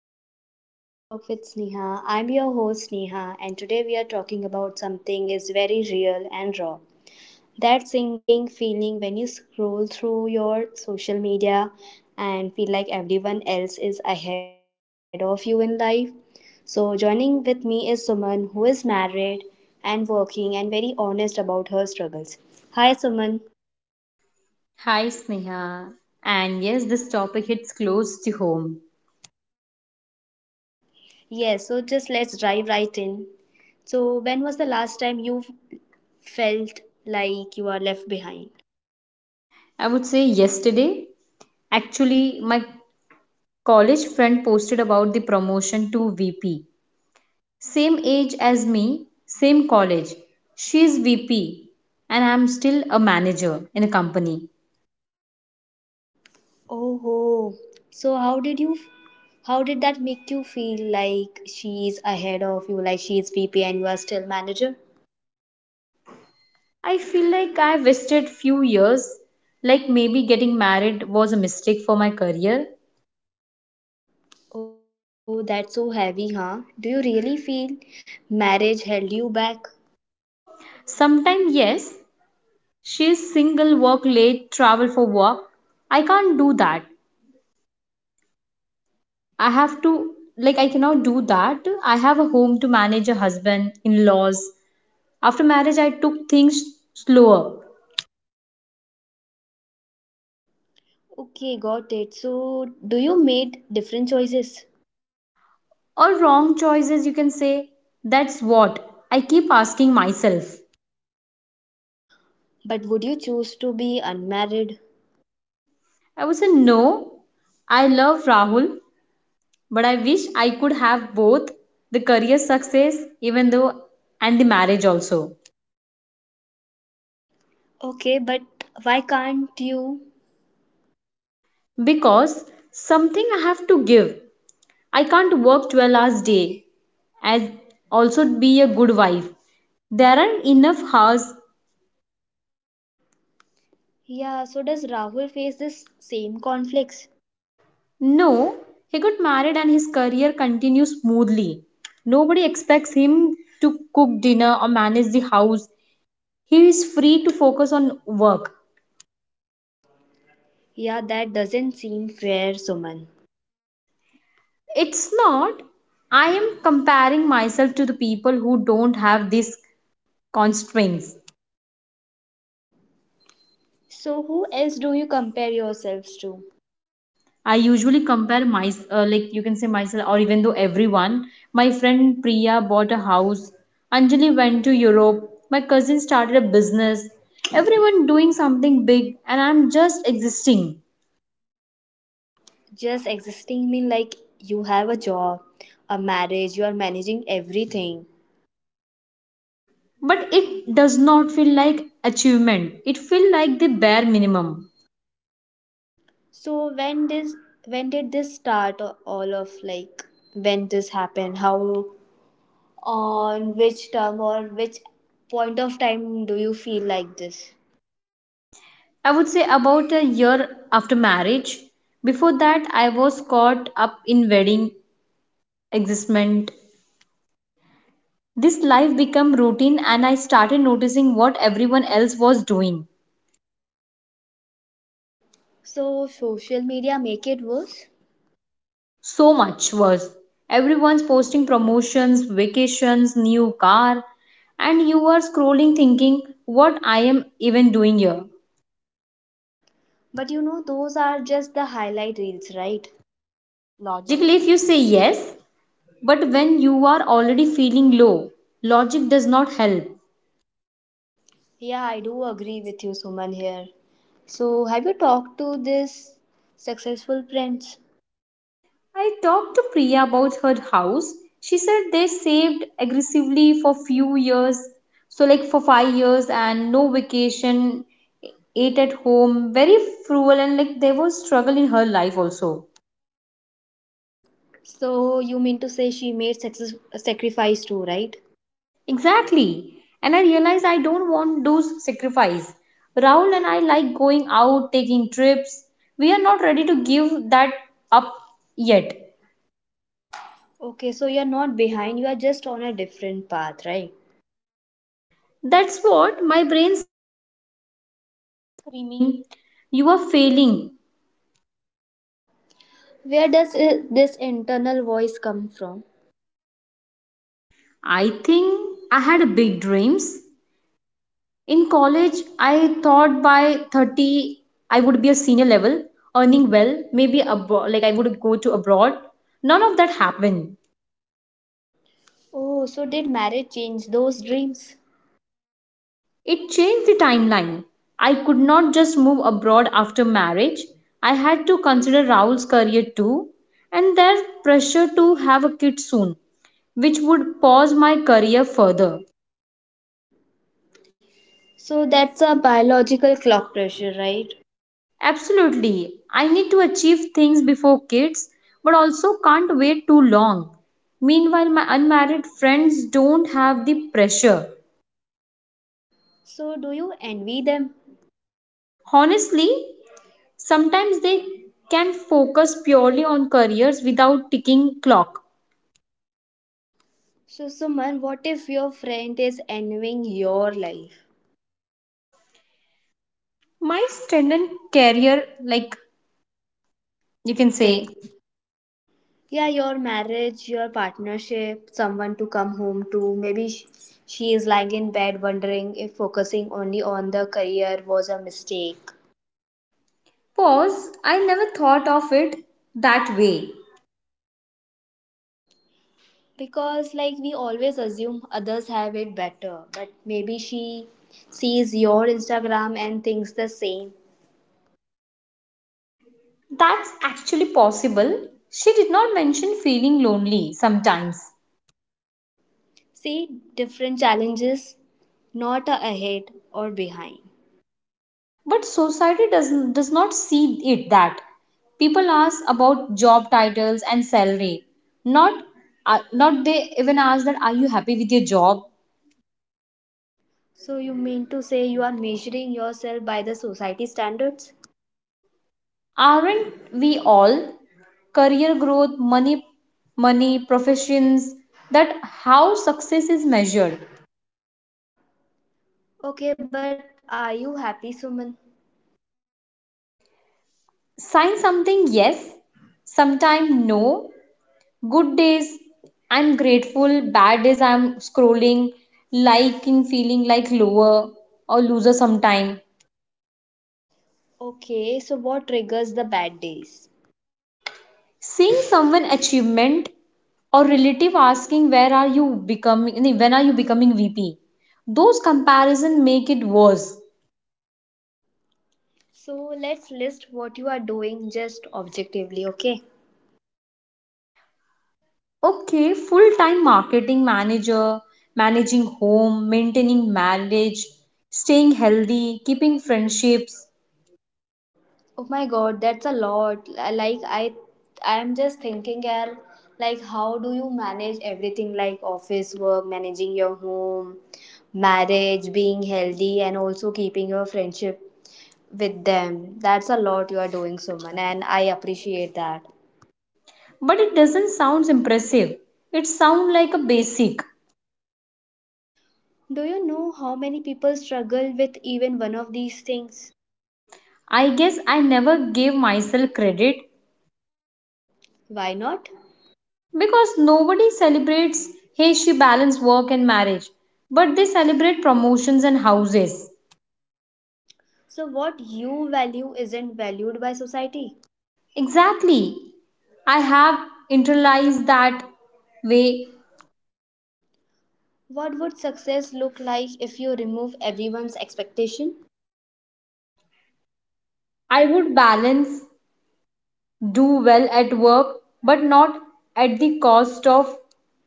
welcome to the Real Talk with Sneha. I'm your host Sneha and today we are talking about something is very real and raw. That sinking feeling when you scroll through your social media and feel like everyone else is ahead of you in life. So joining with me is Suman who is married and working and very honest about her struggles. Hi Suman. Hi, Sneha. And yes, this topic hits close to home. Yes, so just let's dive right in. So, when was the last time you felt like you are left behind. I would say yesterday, actually, my college friend posted about the promotion to VP. Same age as me, same college. She is VP, and I'm still a manager in a company. Oh, so how did you? How did that make you feel? Like she is ahead of you, like she is VP and you are still manager. I feel like I wasted few years, like maybe getting married was a mistake for my career. Oh, that's so heavy, huh? Do you really feel marriage held you back? Sometime, yes, she is single, work late, travel for work. I can't do that. I have to, like, I cannot do that. I have a home to manage, a husband, in laws. After marriage, I took things slower Okay, got it. So, do you made different choices? or wrong choices, you can say. That's what I keep asking myself. But would you choose to be unmarried? I would say, no, I love Rahul, but I wish I could have both the career success, even though, and the marriage also. Okay, but why can't you? Because something I have to give, I can't work 12 hours a day as also be a good wife. There aren't enough hours. Yeah, so does Rahul face this same conflicts? No, he got married and his career continues smoothly. Nobody expects him to cook dinner or manage the house. He is free to focus on work. Yeah, that doesn't seem fair, Suman. It's not. I am comparing myself to the people who don't have these constraints. So, who else do you compare yourselves to? I usually compare my like you can say myself or even though everyone. My friend Priya bought a house. Anjali went to Europe. My cousin started a business. Everyone doing something big and I'm just existing. Just existing mean like you have a job, a marriage, you are managing everything. But it does not feel like achievement. It feel like the bare minimum. So, when did this start or all of like when this happened? How on which term or which point of time do you feel like this? I would say about a year after marriage. Before that I was caught up in wedding existment. This life became routine and I started noticing what everyone else was doing. So, social media make it worse. So much was. Everyone's posting promotions, vacations, new car, and you are scrolling thinking what I am even doing here. But you know, those are just the highlight reels, right? Logically, if you say yes, but when you are already feeling low, logic does not help. Yeah, I do agree with you, Suman, here. So, have you talked to this successful friends? I talked to Priya about her house. She said they saved aggressively for few years, so like for 5 years and no vacation, ate at home, very frugal and like there was struggle in her life also. So, you mean to say she made sacrifice too, right? Exactly. And I realized I don't want those sacrifice. Raul and I like going out, taking trips. We are not ready to give that up yet. Okay, so you're not behind, you are just on a different path, right? That's what my brain's screaming. You are failing. Where does this internal voice come from? I think I had big dreams. In college, I thought by 30 I would be a senior level, earning well, maybe abroad, like I would go to abroad. None of that happened. Oh, so did marriage change those dreams? It changed the timeline. I could not just move abroad after marriage. I had to consider Rahul's career too, and their pressure to have a kid soon, which would pause my career further. So, that's a biological clock pressure, right? Absolutely. I need to achieve things before kids, but also can't wait too long. Meanwhile, my unmarried friends don't have the pressure. So, do you envy them? Honestly, sometimes they can focus purely on careers without ticking clock. So, Suman, what if your friend is envying your life? My student career, like you You can can say, say, yeah, your marriage, your partnership, someone to come home to, maybe she is lying in bed wondering if focusing only on the career was a mistake. pause, I never thought of it that way. Because like we always assume others have it better, but maybe she sees your Instagram and thinks the same. That's actually possible. She did not mention feeling lonely sometimes. See, different challenges, not a ahead or behind. But society does not see it that, people ask about job titles and salary, not not they even ask that are you happy with your job. So you mean to say you are measuring yourself by the society standards. Aren't we all, career growth, money, money professions, that how success is measured. Okay, but are you happy, Suman? Sign something yes, sometime no. Good days I'm grateful, bad days I'm scrolling, liking feeling like lower or loser sometime. Okay, so what triggers the bad days? Seeing someone achievement or relative asking where are you becoming, when are you becoming VP, those comparison make it worse. So let's list what you are doing just objectively, okay? Okay, full time marketing manager, managing home, maintaining marriage, staying healthy, keeping friendships. Oh my god, that's a lot. Like I am just thinking, yaar, like how do you manage everything, like office work, managing your home, marriage, being healthy and also keeping your friendship with them. That's a lot you are doing, Suman, and I appreciate that. But it doesn't sound impressive. It sounds like a basic. Do you know how many people struggle with even one of these things? I guess I never gave myself credit. Why not? Because nobody celebrates, hey, she balanced work and marriage, but they celebrate promotions and houses. So, what you value isn't valued by society. Exactly. I have internalized that We. way. What would success look like if you remove everyone's expectation? I would balance, do well at work, but not at the cost of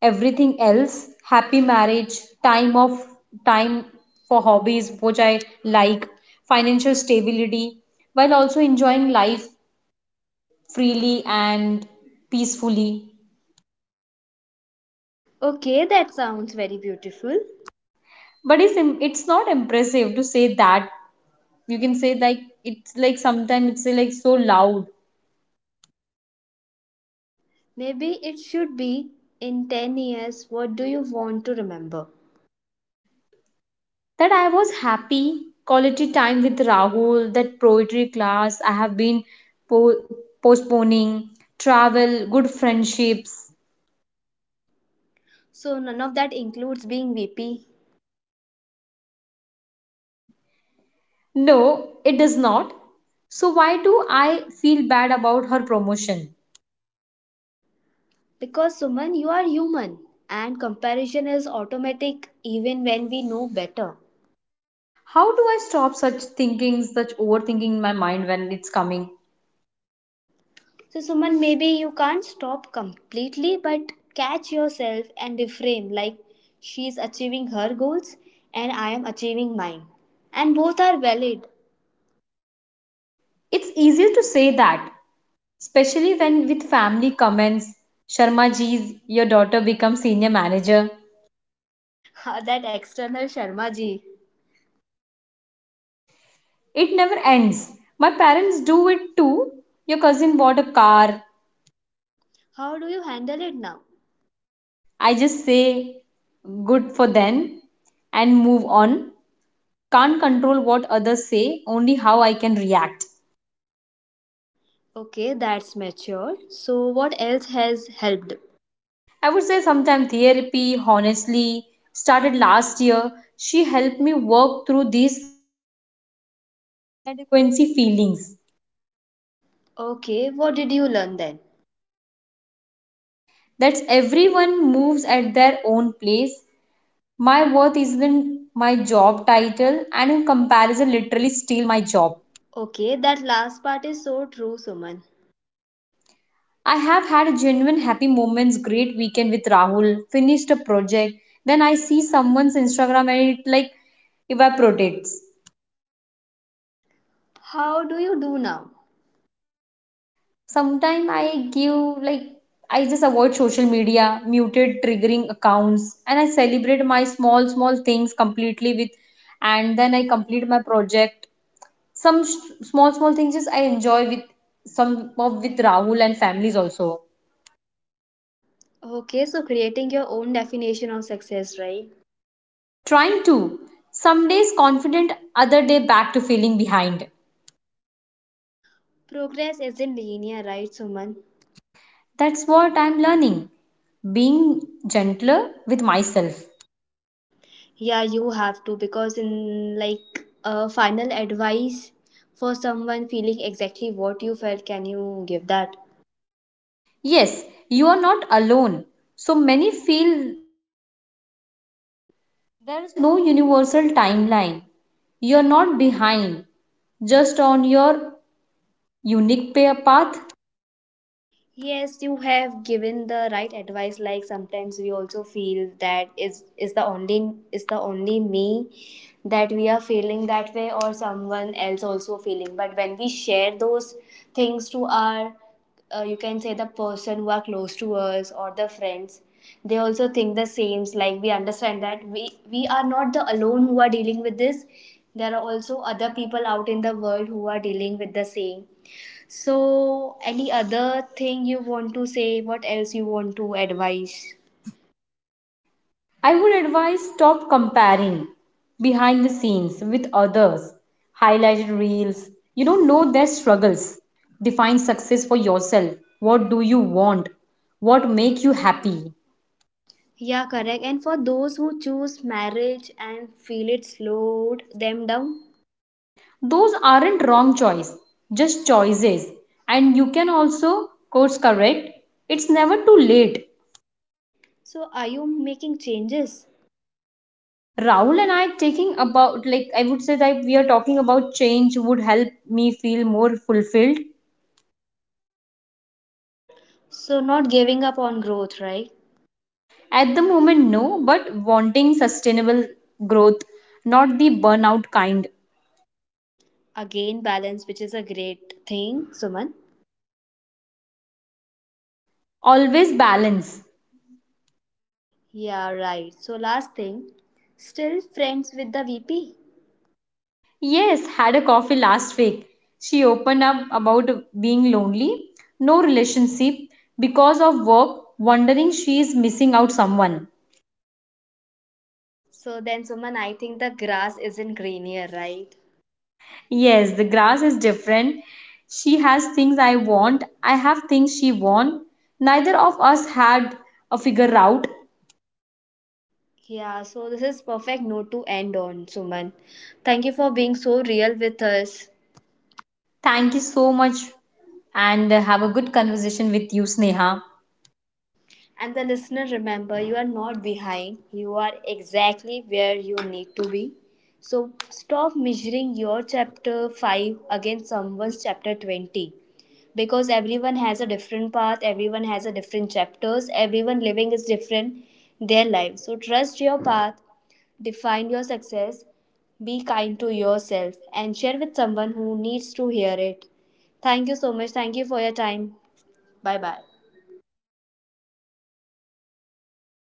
everything else. Happy marriage, time of time for hobbies, which I like, financial stability, while also enjoying life freely and peacefully. Okay, that sounds very beautiful. But it's not impressive to say that, you can say, like it's like sometimes it's like so loud. Maybe it should be in 10 years, what do you want to remember? That I was happy, quality time with Rahul, that poetry class I have been po- postponing, travel, good friendships. So, none of that includes being VP. No, it does not. So why do I feel bad about her promotion? Because, Suman, you are human and comparison is automatic even when we know better. How do I stop such thinkings, such overthinking in my mind when it's coming? So, Suman, maybe you can't stop completely, but catch yourself and reframe like, she's achieving her goals and I am achieving mine. And both are valid. It's easier to say that, especially when with family comments, Sharma ji's, your daughter becomes senior manager. That external Sharma ji. It never ends. My parents do it too. Your cousin bought a car. How do you handle it now? I just say, good for them, and move on. Can't control what others say, only how I can react. Okay, that's mature. So, what else has helped? I would say sometime therapy, honestly, started last year. She helped me work through these inadequacy feelings. Okay, what did you learn then? That's everyone moves at their own place. My worth isn't my job title, and in comparison, literally steal my job. Okay, that last part is so true, Suman. I have had genuine happy moments, great weekend with Rahul, finished a project. Then I see someone's Instagram and it like evaporates. How do you do now? Sometimes I give like I just avoid social media, muted triggering accounts, and I celebrate my small small things completely with, and then I complete my project, some small small things just I enjoy with, some of with Rahul and families also. Okay, so creating your own definition of success, right? Trying to, some days confident, other day back to feeling behind. Progress isn't linear, right, Suman? That's what I'm learning, being gentler with myself. Yeah, you have to because, in like a final advice for someone feeling exactly what you felt, can you give that? Yes, you are not alone, so many feel, there's no universal timeline, you're not behind, just on your unique path. Yes, you have given the right advice. Like sometimes we also feel that is the only me that we are feeling that way, or someone else also feeling. But when we share those things to our, you can say, the person who are close to us or the friends, they also think the same. Like we understand that we are not the alone who are dealing with this. There are also other people out in the world who are dealing with the same. So, any other thing you want to say? What else you want to advise? I would advise stop comparing behind the scenes with others, highlighted reels. You don't know their struggles. Define success for yourself. What do you want? What make you happy? Yeah, correct. And for those who choose marriage and feel it slowed them down, Those aren't wrong choice, just choices. And you can also course correct. It's never too late. so are you making changes? Rahul and I taking about, like I would say that we are talking about, change would help me feel more fulfilled. So, not giving up on growth, right? At the moment, no, but wanting sustainable growth, not the burnout kind. Again, balance, which is a great thing, Suman. Always balance. Yeah, right. So, last thing, still friends with the VP. Yes, had a coffee last week. She opened up about being lonely, no relationship because of work, wondering she is missing out someone. So, then, Suman, I think the grass isn't greener, right? Yes, the grass is different. She has things I want, I have things she wants. Neither of us had a figure out. Yeah, so this is perfect note to end on, Suman. Thank you for being so real with us. Thank you so much and have a good conversation with you, Sneha. And the listener, remember, you are not behind. You are exactly where you need to be. So stop measuring your chapter 5 against someone's chapter 20, because everyone has a different path, everyone has a different chapters, everyone living is different their life. So trust your path, define your success, be kind to yourself, and share with someone who needs to hear it. Thank you so much. Thank you for your time. Bye bye.